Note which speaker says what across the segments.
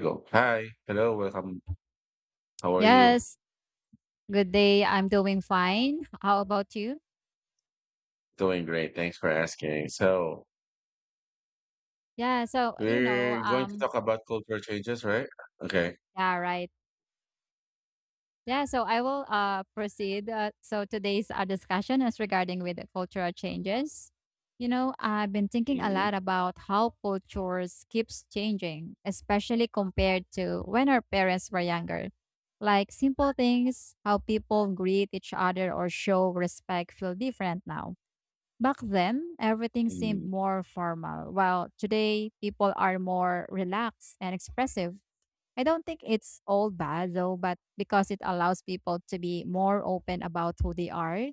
Speaker 1: Go. Hi. Hello. Welcome. How are you?
Speaker 2: Yes. Good day. I'm doing fine. How about you?
Speaker 1: Doing great. Thanks for asking. So,
Speaker 2: Yeah. So, you know,
Speaker 1: we're going to talk about cultural changes, right? Okay.
Speaker 2: yeah, right. Yeah. So I will proceed. So today's discussion is regarding with the cultural changes. You know, I've been thinking a
Speaker 1: Mhm.
Speaker 2: lot about how cultures keeps changing, especially compared to when our parents were younger. Like simple things, how people greet each other or show respect feel different now. Back then, everything seemed
Speaker 1: Mhm.
Speaker 2: more formal, while today people are more relaxed and expressive. I don't think it's all bad though, but because it allows people to be more open about who they are.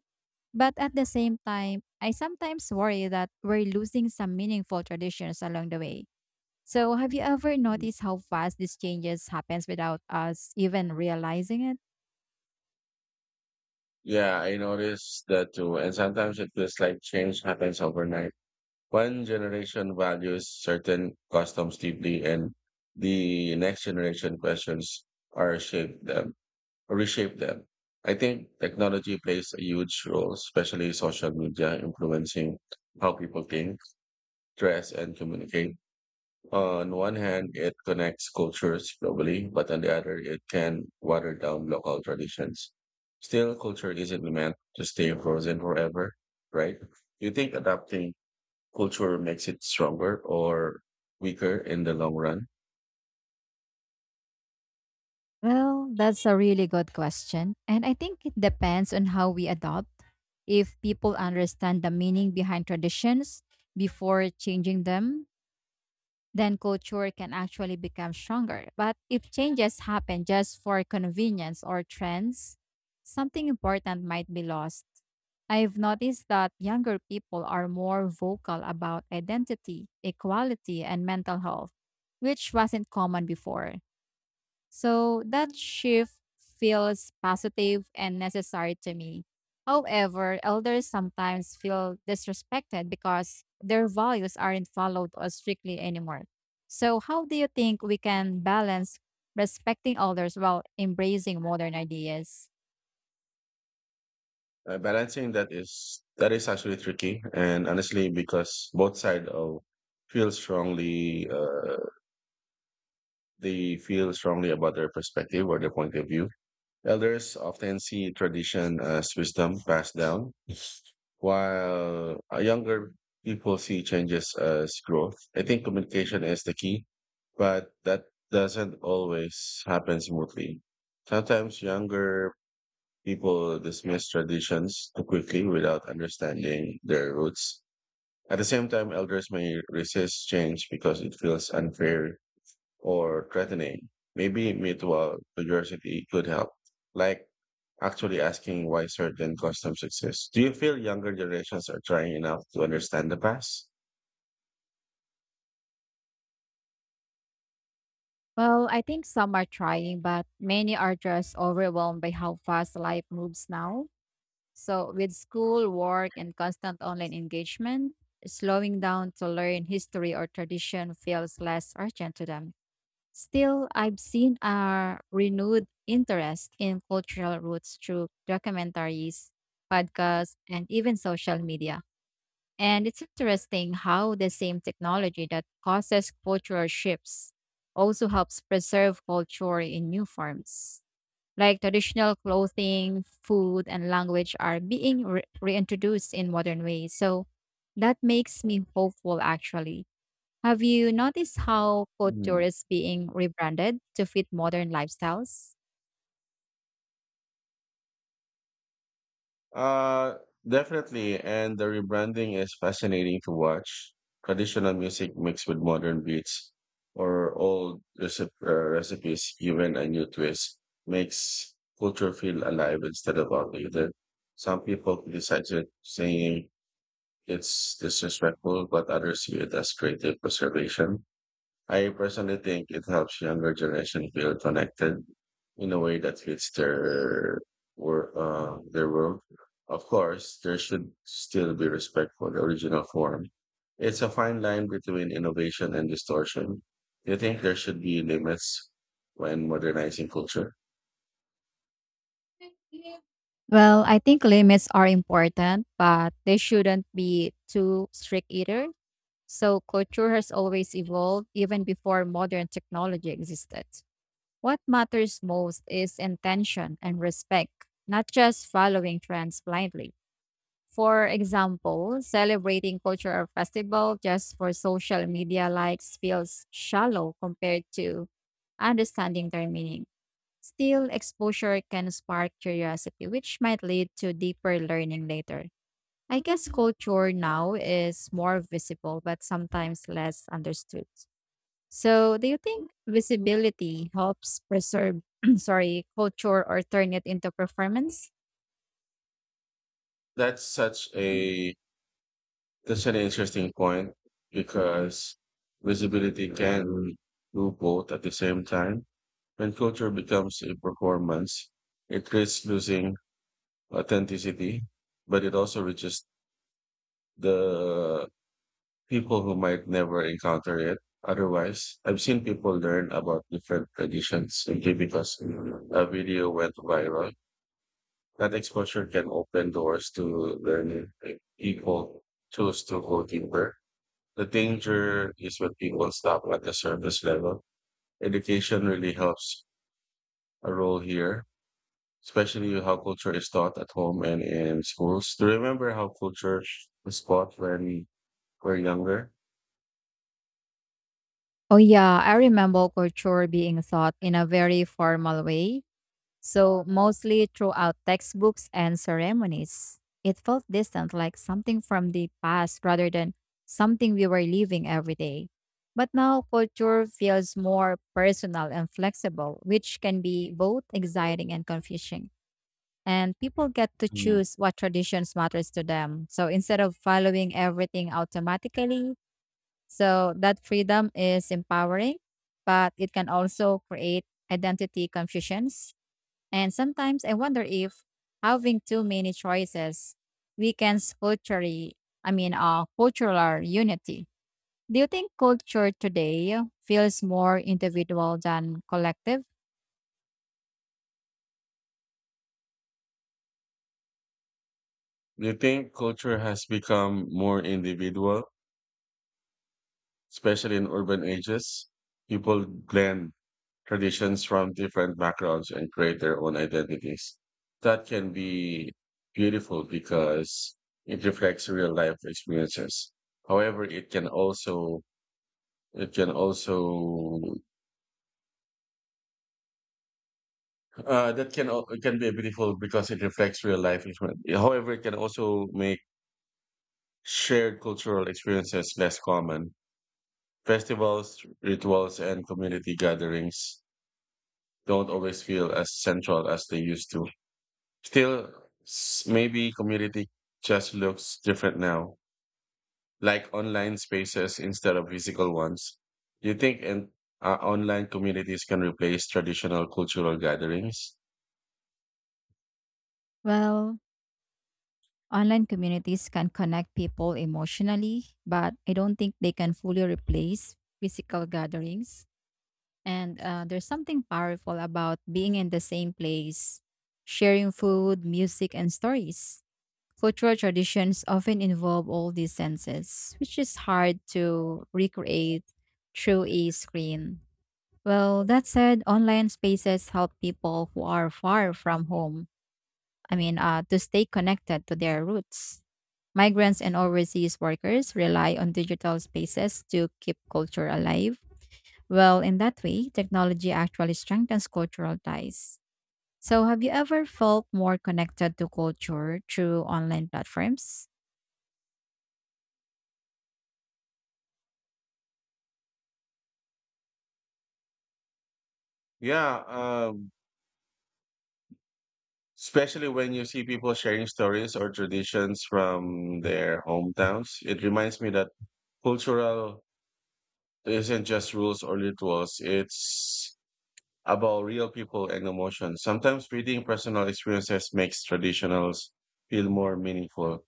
Speaker 2: But at the same time, I sometimes worry that we're losing some meaningful traditions along the way. So, have you ever
Speaker 1: Mhm.
Speaker 2: noticed how fast these changes happens without us even realizing it?
Speaker 1: Yeah, I noticed that too. And sometimes it feels like change happens overnight. One generation values certain customs deeply, and the next generation questions or shape them, reshape them. I think technology plays a huge role, especially social media influencing how people think dress, and communicate. On one hand, it connects cultures globally, but on the other, it can water down local traditions. Still, culture isn't meant to stay frozen forever, right? Do you think adapting culture makes it stronger or weaker in the long run?
Speaker 2: Well, that's a really good question. And I think it depends on how we adopt. If people understand the meaning behind traditions before changing them, then culture can actually become stronger. But if changes happen just for convenience or trends, something important might be lost. I've noticed that younger people are more vocal about identity, equality, and mental health, which wasn't common before. So that shift feels positive and necessary to me. However, elders sometimes feel disrespected because their values aren't followed or strictly anymore. So, how do you think we can balance respecting elders while embracing modern ideas?
Speaker 1: Balancing that is actually tricky, and honestly, because both sides of feel strongly they feel strongly about their perspective or their point of view. Elders often see tradition as wisdom passed down, while younger people see changes as growth. I think communication is the key, but that doesn't always happen smoothly. Sometimes younger people dismiss traditions too quickly without understanding their roots. At the same time, elders may resist change because it feels unfair or threatening. Maybe mutual curiosity could help, like actually asking why certain customs exist. Do you feel younger generations are trying enough to understand the past?
Speaker 2: Well, I think some are trying, but many are just overwhelmed by how fast life moves now. So, with school, work, and constant online engagement, slowing down to learn history or tradition feels less urgent to them. Still, I've seen a renewed interest in cultural roots through documentaries, podcasts, and even social media. And it's interesting how the same technology that causes cultural shifts also helps preserve culture in new forms. Like traditional clothing, food, and language are being reintroduced in modern ways. So that makes me hopeful, actually. Have you noticed how couture
Speaker 1: Mm.
Speaker 2: is being rebranded to fit modern lifestyles?
Speaker 1: Uh, Definitely. And the rebranding is fascinating to watch. Traditional music mixed with modern beats or recipes given a new twist makes culture feel alive instead of outdated. Some people criticize it, saying it's disrespectful, but others see it as creative preservation. I personally think it helps younger generation feel connected in a way that fits their their world. Of course, there should still be respect for the original form. It's a fine line between innovation and distortion. Do you think there should be limits when modernizing culture?
Speaker 2: Well, I think limits are important, but they shouldn't be too strict either. So, couture has always evolved even before modern technology existed. What matters most is intention and respect, not just following trends blindly. For example, celebrating cultural festival just for social media likes feels shallow compared to understanding their meaning. Still, exposure can spark curiosity, which might lead to deeper learning later. I guess culture now is more visible, but sometimes less understood. So, do you think visibility helps preserve, sorry, culture or turn it into performance?
Speaker 1: That's such a That's an interesting point because visibility can do both at the same time. When culture becomes a performance, it risks losing authenticity, but it also reaches the people who might never encounter it. Otherwise, I've seen people learn about different traditions simply because a video went viral. That exposure can open doors to learning if people choose to go deeper. The danger is when people stop at the surface level. Education really helps a role here, especially how culture is taught at home and in schools. To remember how culture is taught when we're younger.
Speaker 2: Oh yeah, I remember culture being taught in a very formal way, so mostly throughout textbooks and ceremonies. It felt distant, like something from the past rather than something we were living every day. But now culture feels more personal and flexible, which can be both exciting and confusing. And people get to
Speaker 1: Mm.
Speaker 2: choose what traditions matters to them, so instead of following everything automatically, so that freedom is empowering, but it can also create identity confusions. And sometimes I wonder if having too many choices weakens culturally, I mean cultural unity. Do you think culture today feels more individual than collective?
Speaker 1: Do you think culture has become more individual, especially in urban ages? People blend traditions from different backgrounds and create their own identities. That can be beautiful because it reflects real life experiences. However, it can also that can al- it can be beautiful because it reflects real life experience. However, it can also make shared cultural experiences less common. Festivals, rituals, and community gatherings don't always feel as central as they used to. Still, maybe community just looks different now, like online spaces instead of physical ones. Do you think and online communities can replace traditional cultural gatherings?
Speaker 2: Well, online communities can connect people emotionally, but I don't think they can fully replace physical gatherings. And there's something powerful about being in the same place, sharing food, music, and stories. Cultural traditions often involve all these senses, which is hard to recreate through a screen. Well, that said, online spaces help people who are far from home, I mean, to stay connected to their roots. Migrants and overseas workers rely on digital spaces to keep culture alive. Well, in that way, technology actually strengthens cultural ties. So, have you ever felt more connected to culture through online platforms?
Speaker 1: Yeah, especially when you see people sharing stories or traditions from their hometowns. It reminds me that cultural isn't just rules or rituals. It's about real people and emotions. Sometimes reading personal experiences makes traditionals feel more meaningful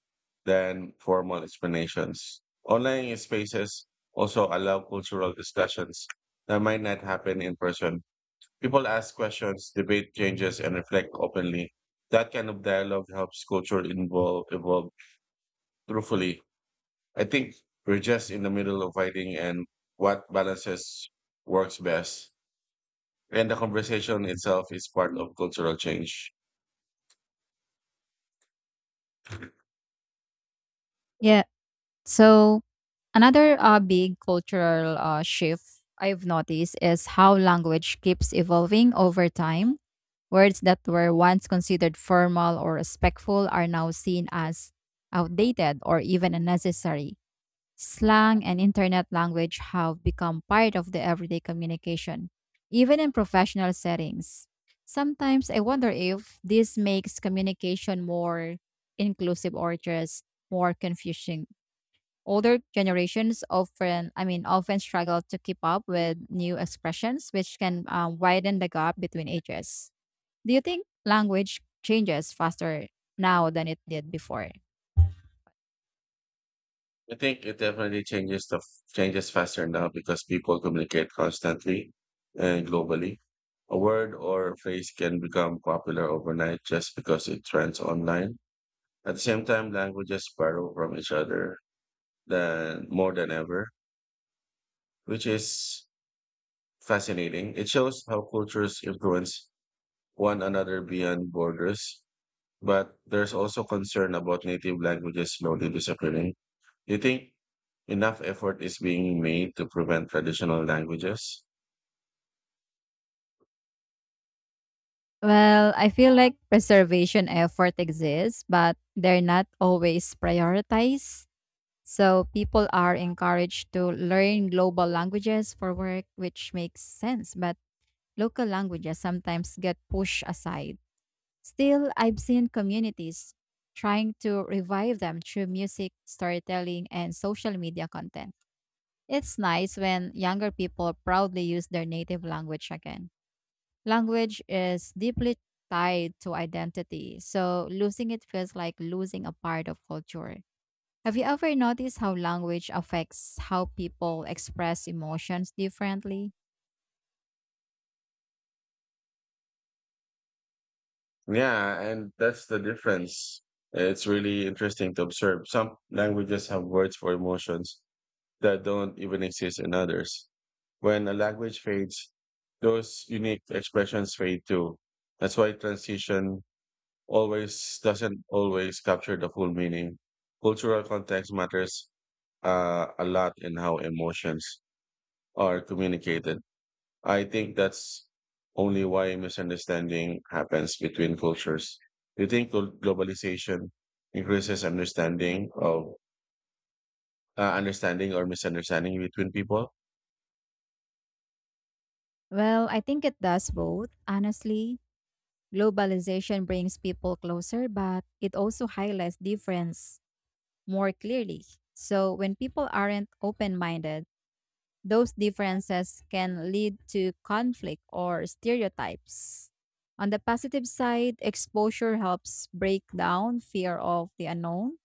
Speaker 1: than formal explanations. Online spaces also allow cultural discussions that might not happen in person. People ask questions, debate changes, and reflect openly. That kind of dialogue helps culture involve, evolve truthfully. I think we're just in the middle of fighting and what balances works best. And the conversation itself is part of cultural change.
Speaker 2: Yeah. So, another big cultural shift I've noticed is how language keeps evolving over time. Words that were once considered formal or respectful are now seen as outdated or even unnecessary. Slang and internet language have become part of the everyday communication, even in professional settings. Sometimes I wonder if this makes communication more inclusive or just more confusing. Older generations often struggle to keep up with new expressions, which can widen the gap between ages. Do you think language changes faster now than it did before?
Speaker 1: I think it definitely changes faster now because people communicate constantly and globally. A word or a phrase can become popular overnight just because it trends online. At the same time, languages borrow from each other than more than ever, which is fascinating. It shows how cultures influence one another beyond borders, but there's also concern about native languages slowly disappearing. You think enough effort is being made to prevent traditional languages?
Speaker 2: Well, I feel like preservation effort exists, but they're not always prioritized. So people are encouraged to learn global languages for work, which makes sense, but local languages sometimes get pushed aside. Still, I've seen communities trying to revive them through music, storytelling, and social media content. It's nice when younger people proudly use their native language again. Language is deeply tied to identity, so losing it feels like losing a part of culture. Have you ever noticed how language affects how people express emotions differently?
Speaker 1: Yeah, and that's the difference. It's really interesting to observe. Some languages have words for emotions that don't even exist in others. When a language fades, those unique expressions fade too. That's why transition always doesn't always capture the full meaning. Cultural context matters a lot in how emotions are communicated. I think that's only why misunderstanding happens between cultures. Do you think globalization increases understanding of understanding or misunderstanding between people?
Speaker 2: Well, I think it does both, honestly. Globalization brings people closer, but it also highlights difference more clearly. So when people aren't open minded, those differences can lead to conflict or stereotypes. On the positive side, exposure helps break down fear of the unknown.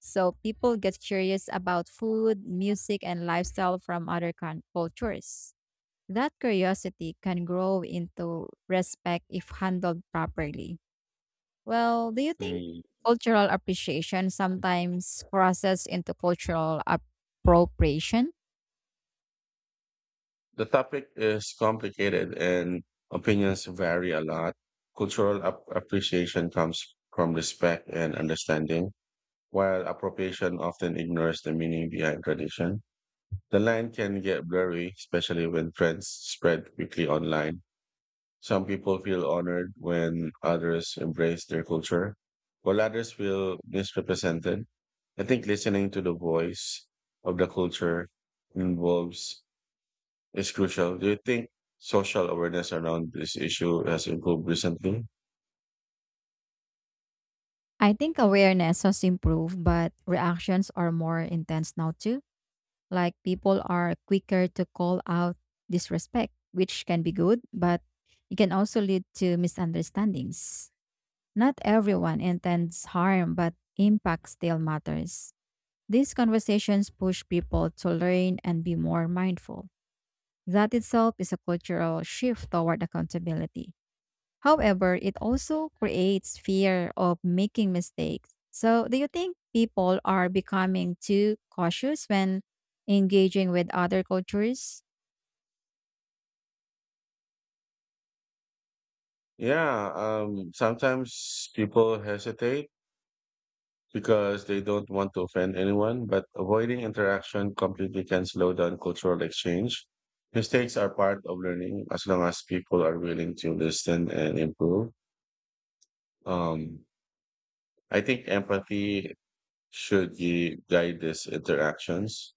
Speaker 2: So people get curious about food, music, and lifestyle from other cultures. That curiosity can grow into respect if handled properly. Well, do you think
Speaker 1: Mm.
Speaker 2: cultural appreciation sometimes crosses into cultural appropriation?
Speaker 1: The topic is complicated and opinions vary a lot. Cultural appreciation comes from respect and understanding, while appropriation often ignores the meaning behind tradition. The line can get blurry, especially when trends spread quickly online. Some people feel honored when others embrace their culture, while others feel misrepresented. I think listening to the voice of the culture involves is crucial. Do you think social awareness around this issue has improved recently?
Speaker 2: I think awareness has improved, but reactions are more intense now too. Like people are quicker to call out disrespect, which can be good, but it can also lead to misunderstandings. Not everyone intends harm, but impact still matters. These conversations push people to learn and be more mindful. That itself is a cultural shift toward accountability. However, it also creates fear of making mistakes. So, do you think people are becoming too cautious when engaging with other cultures?
Speaker 1: Yeah, sometimes people hesitate because they don't want to offend anyone, but avoiding interaction completely can slow down cultural exchange. Mistakes are part of learning as long as people are willing to listen and improve. Um, I think empathy should guide these interactions.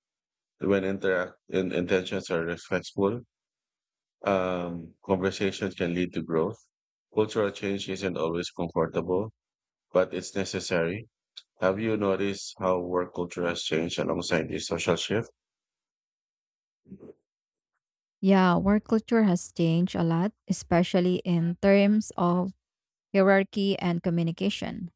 Speaker 1: When intentions are respectful, conversations can lead to growth. Cultural change isn't always comfortable, but it's necessary. Have you noticed how work culture has changed alongside the social shift?
Speaker 2: Yeah, work culture has changed a lot, especially in terms of hierarchy and communication.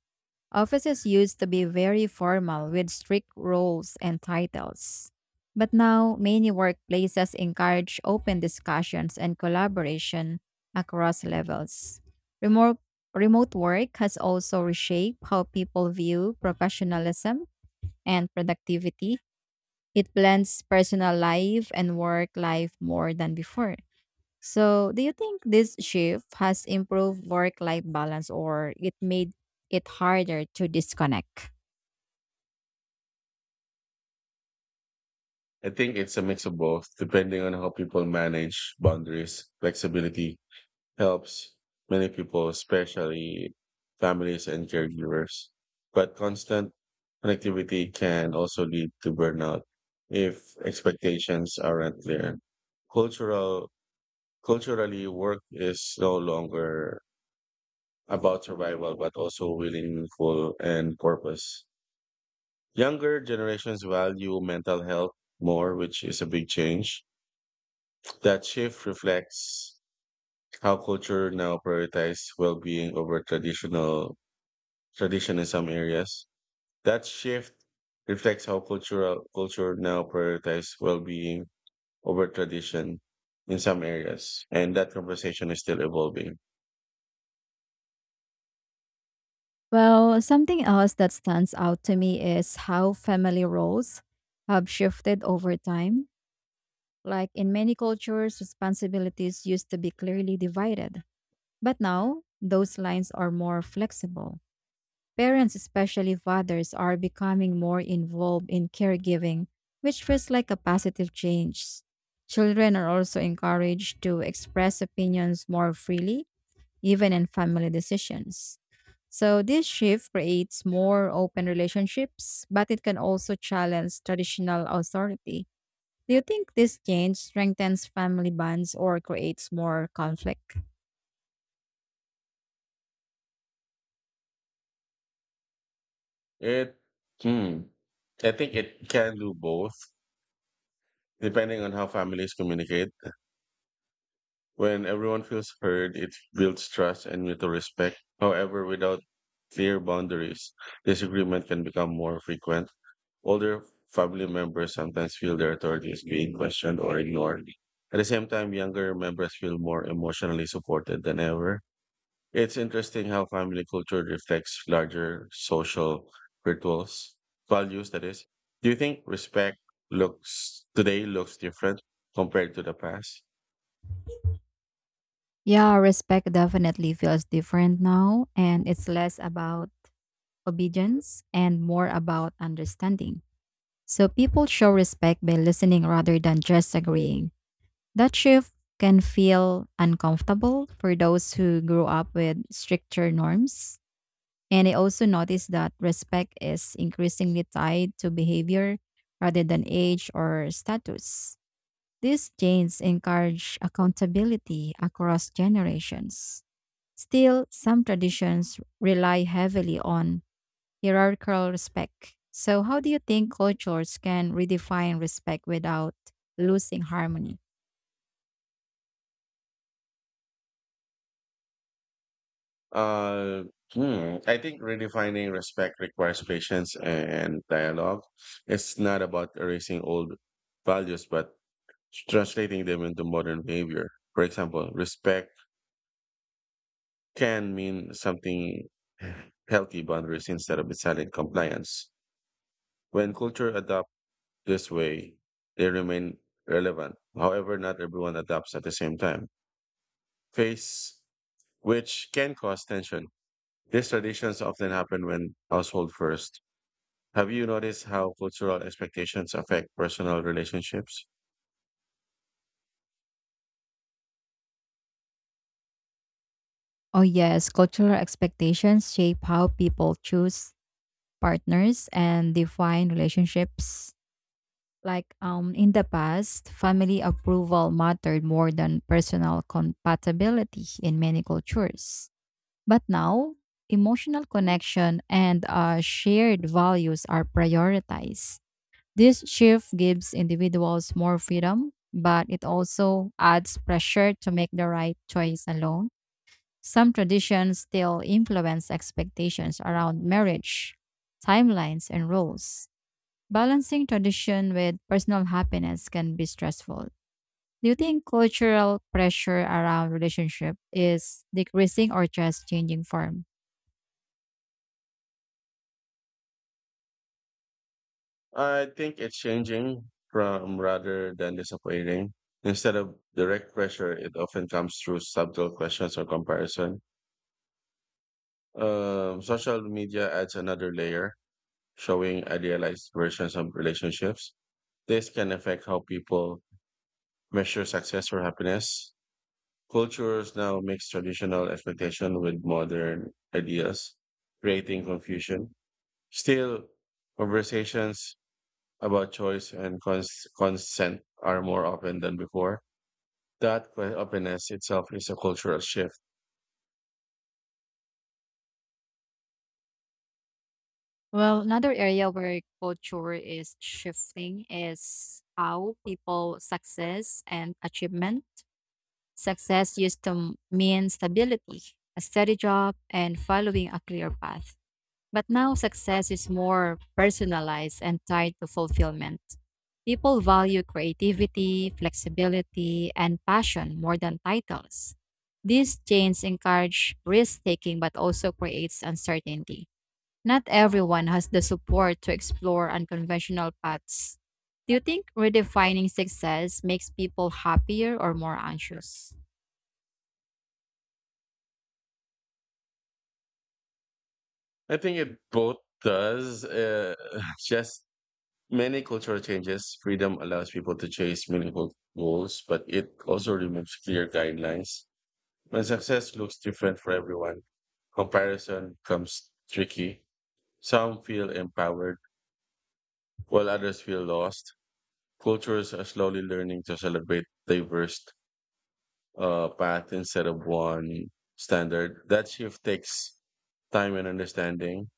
Speaker 2: Offices used to be very formal with strict roles and titles. But now, many workplaces encourage open discussions and collaboration across levels. Remote, remote work has also reshaped how people view professionalism and productivity. It blends personal life and work life more than before. So, do you think this shift has improved work life balance or it made it harder to disconnect?
Speaker 1: I think it's a mix of both, depending on how people manage boundaries. Flexibility helps many people, especially families and caregivers. But constant connectivity can also lead to burnout if expectations aren't clear. Cultural, culturally, work is no longer about survival, but also meaningful and purpose. Younger generations value mental health more, which is a big change. That shift reflects how culture now prioritizes well-being over traditional tradition in some areas. That shift reflects how cultural culture now prioritizes well-being over tradition in some areas, and that conversation is still evolving.
Speaker 2: Well, something else that stands out to me is how family roles have shifted over time. Like in many cultures, responsibilities used to be clearly divided, but now those lines are more flexible. Parents, especially fathers, are becoming more involved in caregiving, which feels like a positive change. Children are also encouraged to express opinions more freely even in family decisions. So this shift creates more open relationships, but it can also challenge traditional authority. Do you think this change strengthens family bonds or creates more conflict?
Speaker 1: It, hmm, I think it can do both, depending on how families communicate. When everyone feels heard, it builds trust and mutual respect. However, without clear boundaries, disagreement can become more frequent. Older family members sometimes feel their authority is being questioned or ignored. At the same time, younger members feel more emotionally supported than ever. It's interesting how family culture reflects larger social rituals, values, that is. Do you think respect looks today looks different compared to the past?
Speaker 2: Yeah, respect definitely feels different now, and it's less about obedience and more about understanding. So people show respect by listening rather than just agreeing. That shift can feel uncomfortable for those who grew up with stricter norms. And I also noticed that respect is increasingly tied to behavior rather than age or status. These changes encourage accountability across generations. Still, some traditions rely heavily on hierarchical respect. So, how do you think cultures can redefine respect without losing harmony?
Speaker 1: Uh, I think redefining respect requires patience and dialogue. It's not about erasing old values, but translating them into modern behavior. For example, respect can mean something healthy boundaries instead of silent compliance. When culture adopt this way, they remain relevant. However, not everyone adopts at the same time. Face, which can cause tension. These traditions often happen when household first. Have you noticed how cultural expectations affect personal relationships?
Speaker 2: Oh, yes. Cultural expectations shape how people choose partners and define relationships. Like in the past, family approval mattered more than personal compatibility in many cultures. But now, emotional connection and shared values are prioritized. This shift gives individuals more freedom, but it also adds pressure to make the right choice alone. Some traditions still influence expectations around marriage, timelines, and roles. Balancing tradition with personal happiness can be stressful. Do you think cultural pressure around relationship is decreasing or just changing form?
Speaker 1: I think it's changing from rather than disappointing. Instead of direct pressure, it often comes through subtle questions or comparison. Social media adds another layer, showing idealized versions of relationships. This can affect how people measure success or happiness. Cultures now mix traditional expectation with modern ideas, creating confusion. Still, conversations about choice and consent are more open than before. That openness itself is a cultural shift.
Speaker 2: Well, another area where culture is shifting is how people success and achievement. Success used to mean stability, a steady job, and following a clear path. But now success is more personalized and tied to fulfillment. People value creativity, flexibility, and passion more than titles. These chains encourage risk taking but also creates uncertainty. Not everyone has the support to explore unconventional paths. Do you think redefining success makes people happier or more anxious?
Speaker 1: I think it both does. Just many cultural changes. Freedom allows people to chase meaningful goals, but it also removes clear guidelines. When success looks different for everyone, comparison becomes tricky. Some feel empowered, while others feel lost. Cultures are slowly learning to celebrate diverse path instead of one standard. That shift takes time and understanding.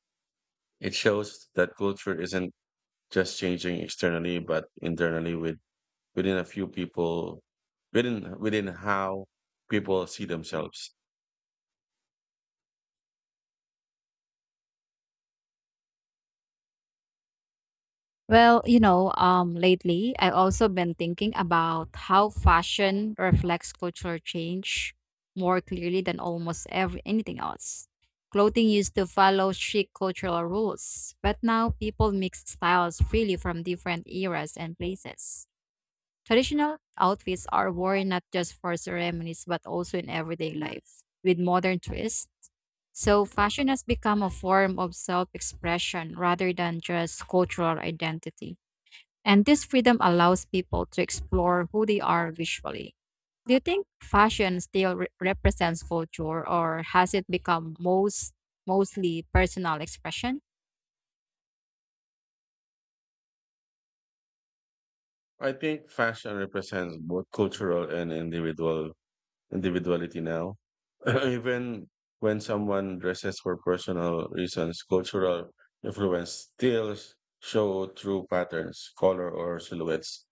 Speaker 1: It shows that culture isn't just changing externally, but internally within a few people, within how people see themselves.
Speaker 2: Well, you know, lately I've also been thinking about how fashion reflects cultural change more clearly than almost every anything else. Clothing used to follow strict cultural rules, but now people mix styles freely from different eras and places. Traditional outfits are worn not just for ceremonies but also in everyday life with modern twists. So, fashion has become a form of self expression rather than just cultural identity. And this freedom allows people to explore who they are visually. Do you think fashion still represents culture or has it become mostly personal expression?
Speaker 1: I think fashion represents both cultural and individuality now. Even when someone dresses for personal reasons, cultural influence still show through patterns, color, or silhouettes.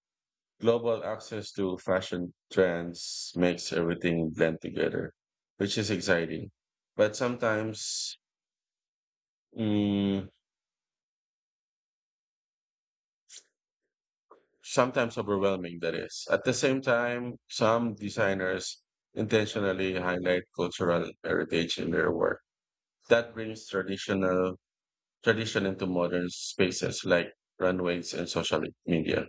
Speaker 1: Global access to fashion trends makes everything blend together, which is exciting, but mm, sometimes overwhelming. That is. At the same time, some designers intentionally highlight cultural heritage in their work. That brings traditional tradition into modern spaces like runways and social media.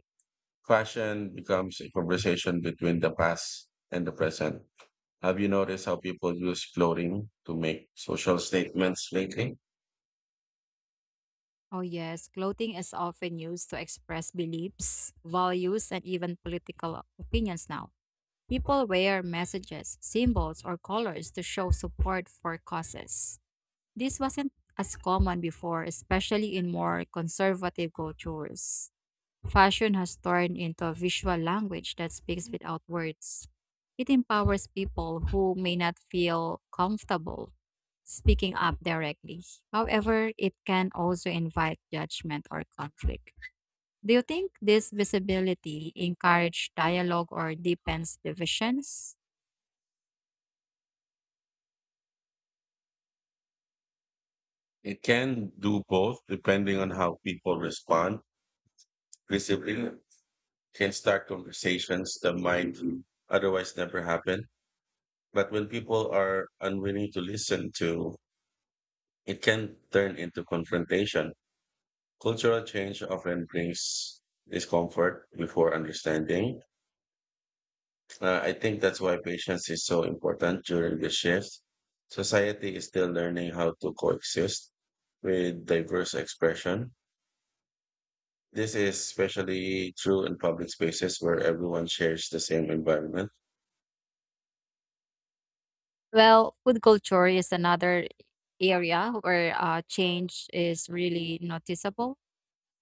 Speaker 1: Fashion becomes a conversation between the past and the present. Have you noticed how people use clothing to make social statements lately?
Speaker 2: Oh yes, clothing is often used to express beliefs, values and even political opinions now. People wear messages, symbols or colors to show support for causes. This wasn't as common before, especially in more conservative cultures. Fashion has turned into a visual language that speaks without words. It empowers people who may not feel comfortable speaking up directly. However, it can also invite judgment or conflict. Do you think this visibility encourages dialogue or deepens divisions?
Speaker 1: It can do both depending on how people respond. Discipline can start conversations that might otherwise never happen. But when people are unwilling to listen to, it can turn into confrontation. Cultural change often brings discomfort before understanding. I think that's why patience is so important during the shift. Society is still learning how to coexist with diverse expression. This is especially true in public spaces where everyone shares the same environment.
Speaker 2: Well, food culture is another area where change is really noticeable.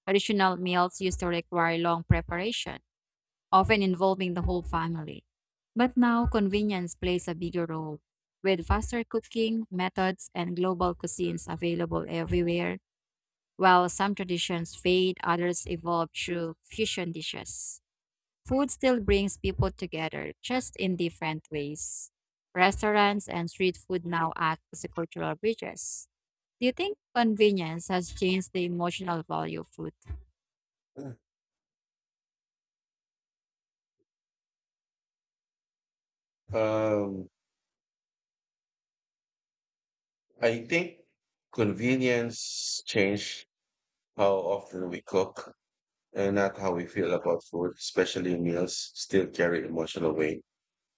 Speaker 2: Traditional meals used to require long preparation often involving the whole family. But now, convenience plays a bigger role. With faster cooking methods and global cuisines available everywhere, while some traditions fade, others evolve through fusion dishes. Food still brings people together, just in different ways. Restaurants and street food now act as a cultural bridges. Do you think convenience has changed the emotional value of food?
Speaker 1: Um, I think convenience changed how often we cook and not how we feel about food, especially meals still carry emotional weight,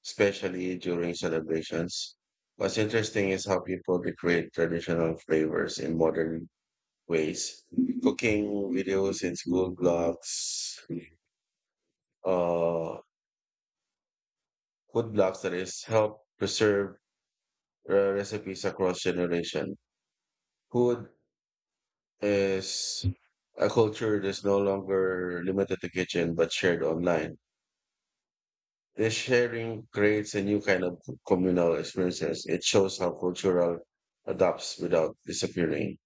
Speaker 1: especially during celebrations. What's interesting is how people recreate traditional flavors in modern ways. Cooking videos in school blogs, uh, food blogs that is help preserve recipes across generation. Food is a culture that's no longer limited to kitchen but shared online. This sharing creates a new kind of communal experiences. It shows how cultural adapts without disappearing.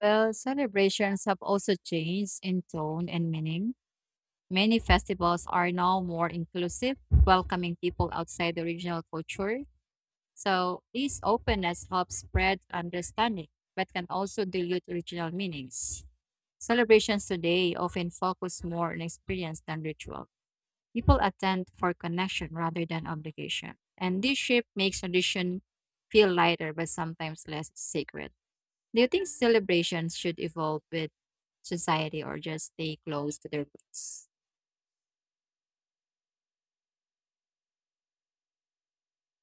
Speaker 2: Well, celebrations have also changed in tone and meaning. Many festivals are now more inclusive, welcoming people outside the regional culture. So, this openness helps spread understanding, but can also dilute original meanings. Celebrations today often focus more on experience than ritual. People attend for connection rather than obligation. And this shift makes tradition feel lighter, but sometimes less sacred. Do you think celebrations should evolve with society or just stay close to their roots?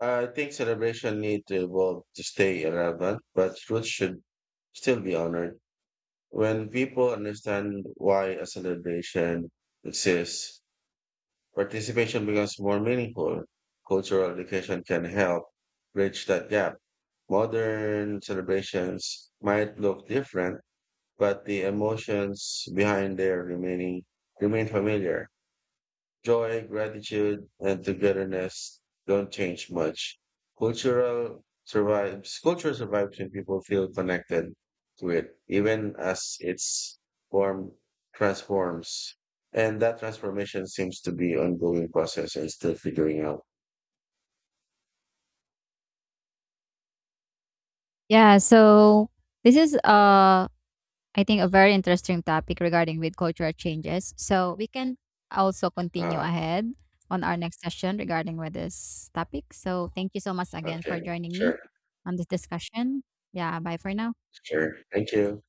Speaker 1: I think celebration need to evolve to stay relevant, but roots should still be honored. When people understand why a celebration exists, participation becomes more meaningful. Cultural education can help bridge that gap. Modern celebrations might look different, but the emotions behind their remaining remain familiar. Joy, gratitude, and togetherness don't change much. Culture survives when people feel connected to it, even as its form transforms. And that transformation seems to be ongoing process and still figuring out.
Speaker 2: Yeah, so this is I think a very interesting topic regarding with cultural changes. So we can also continue
Speaker 1: Ah,
Speaker 2: ahead on our next session regarding with this topic. So thank you so much again
Speaker 1: okay.
Speaker 2: for joining me
Speaker 1: Sure.
Speaker 2: on this discussion. Yeah, bye for now.
Speaker 1: Sure. Thank you.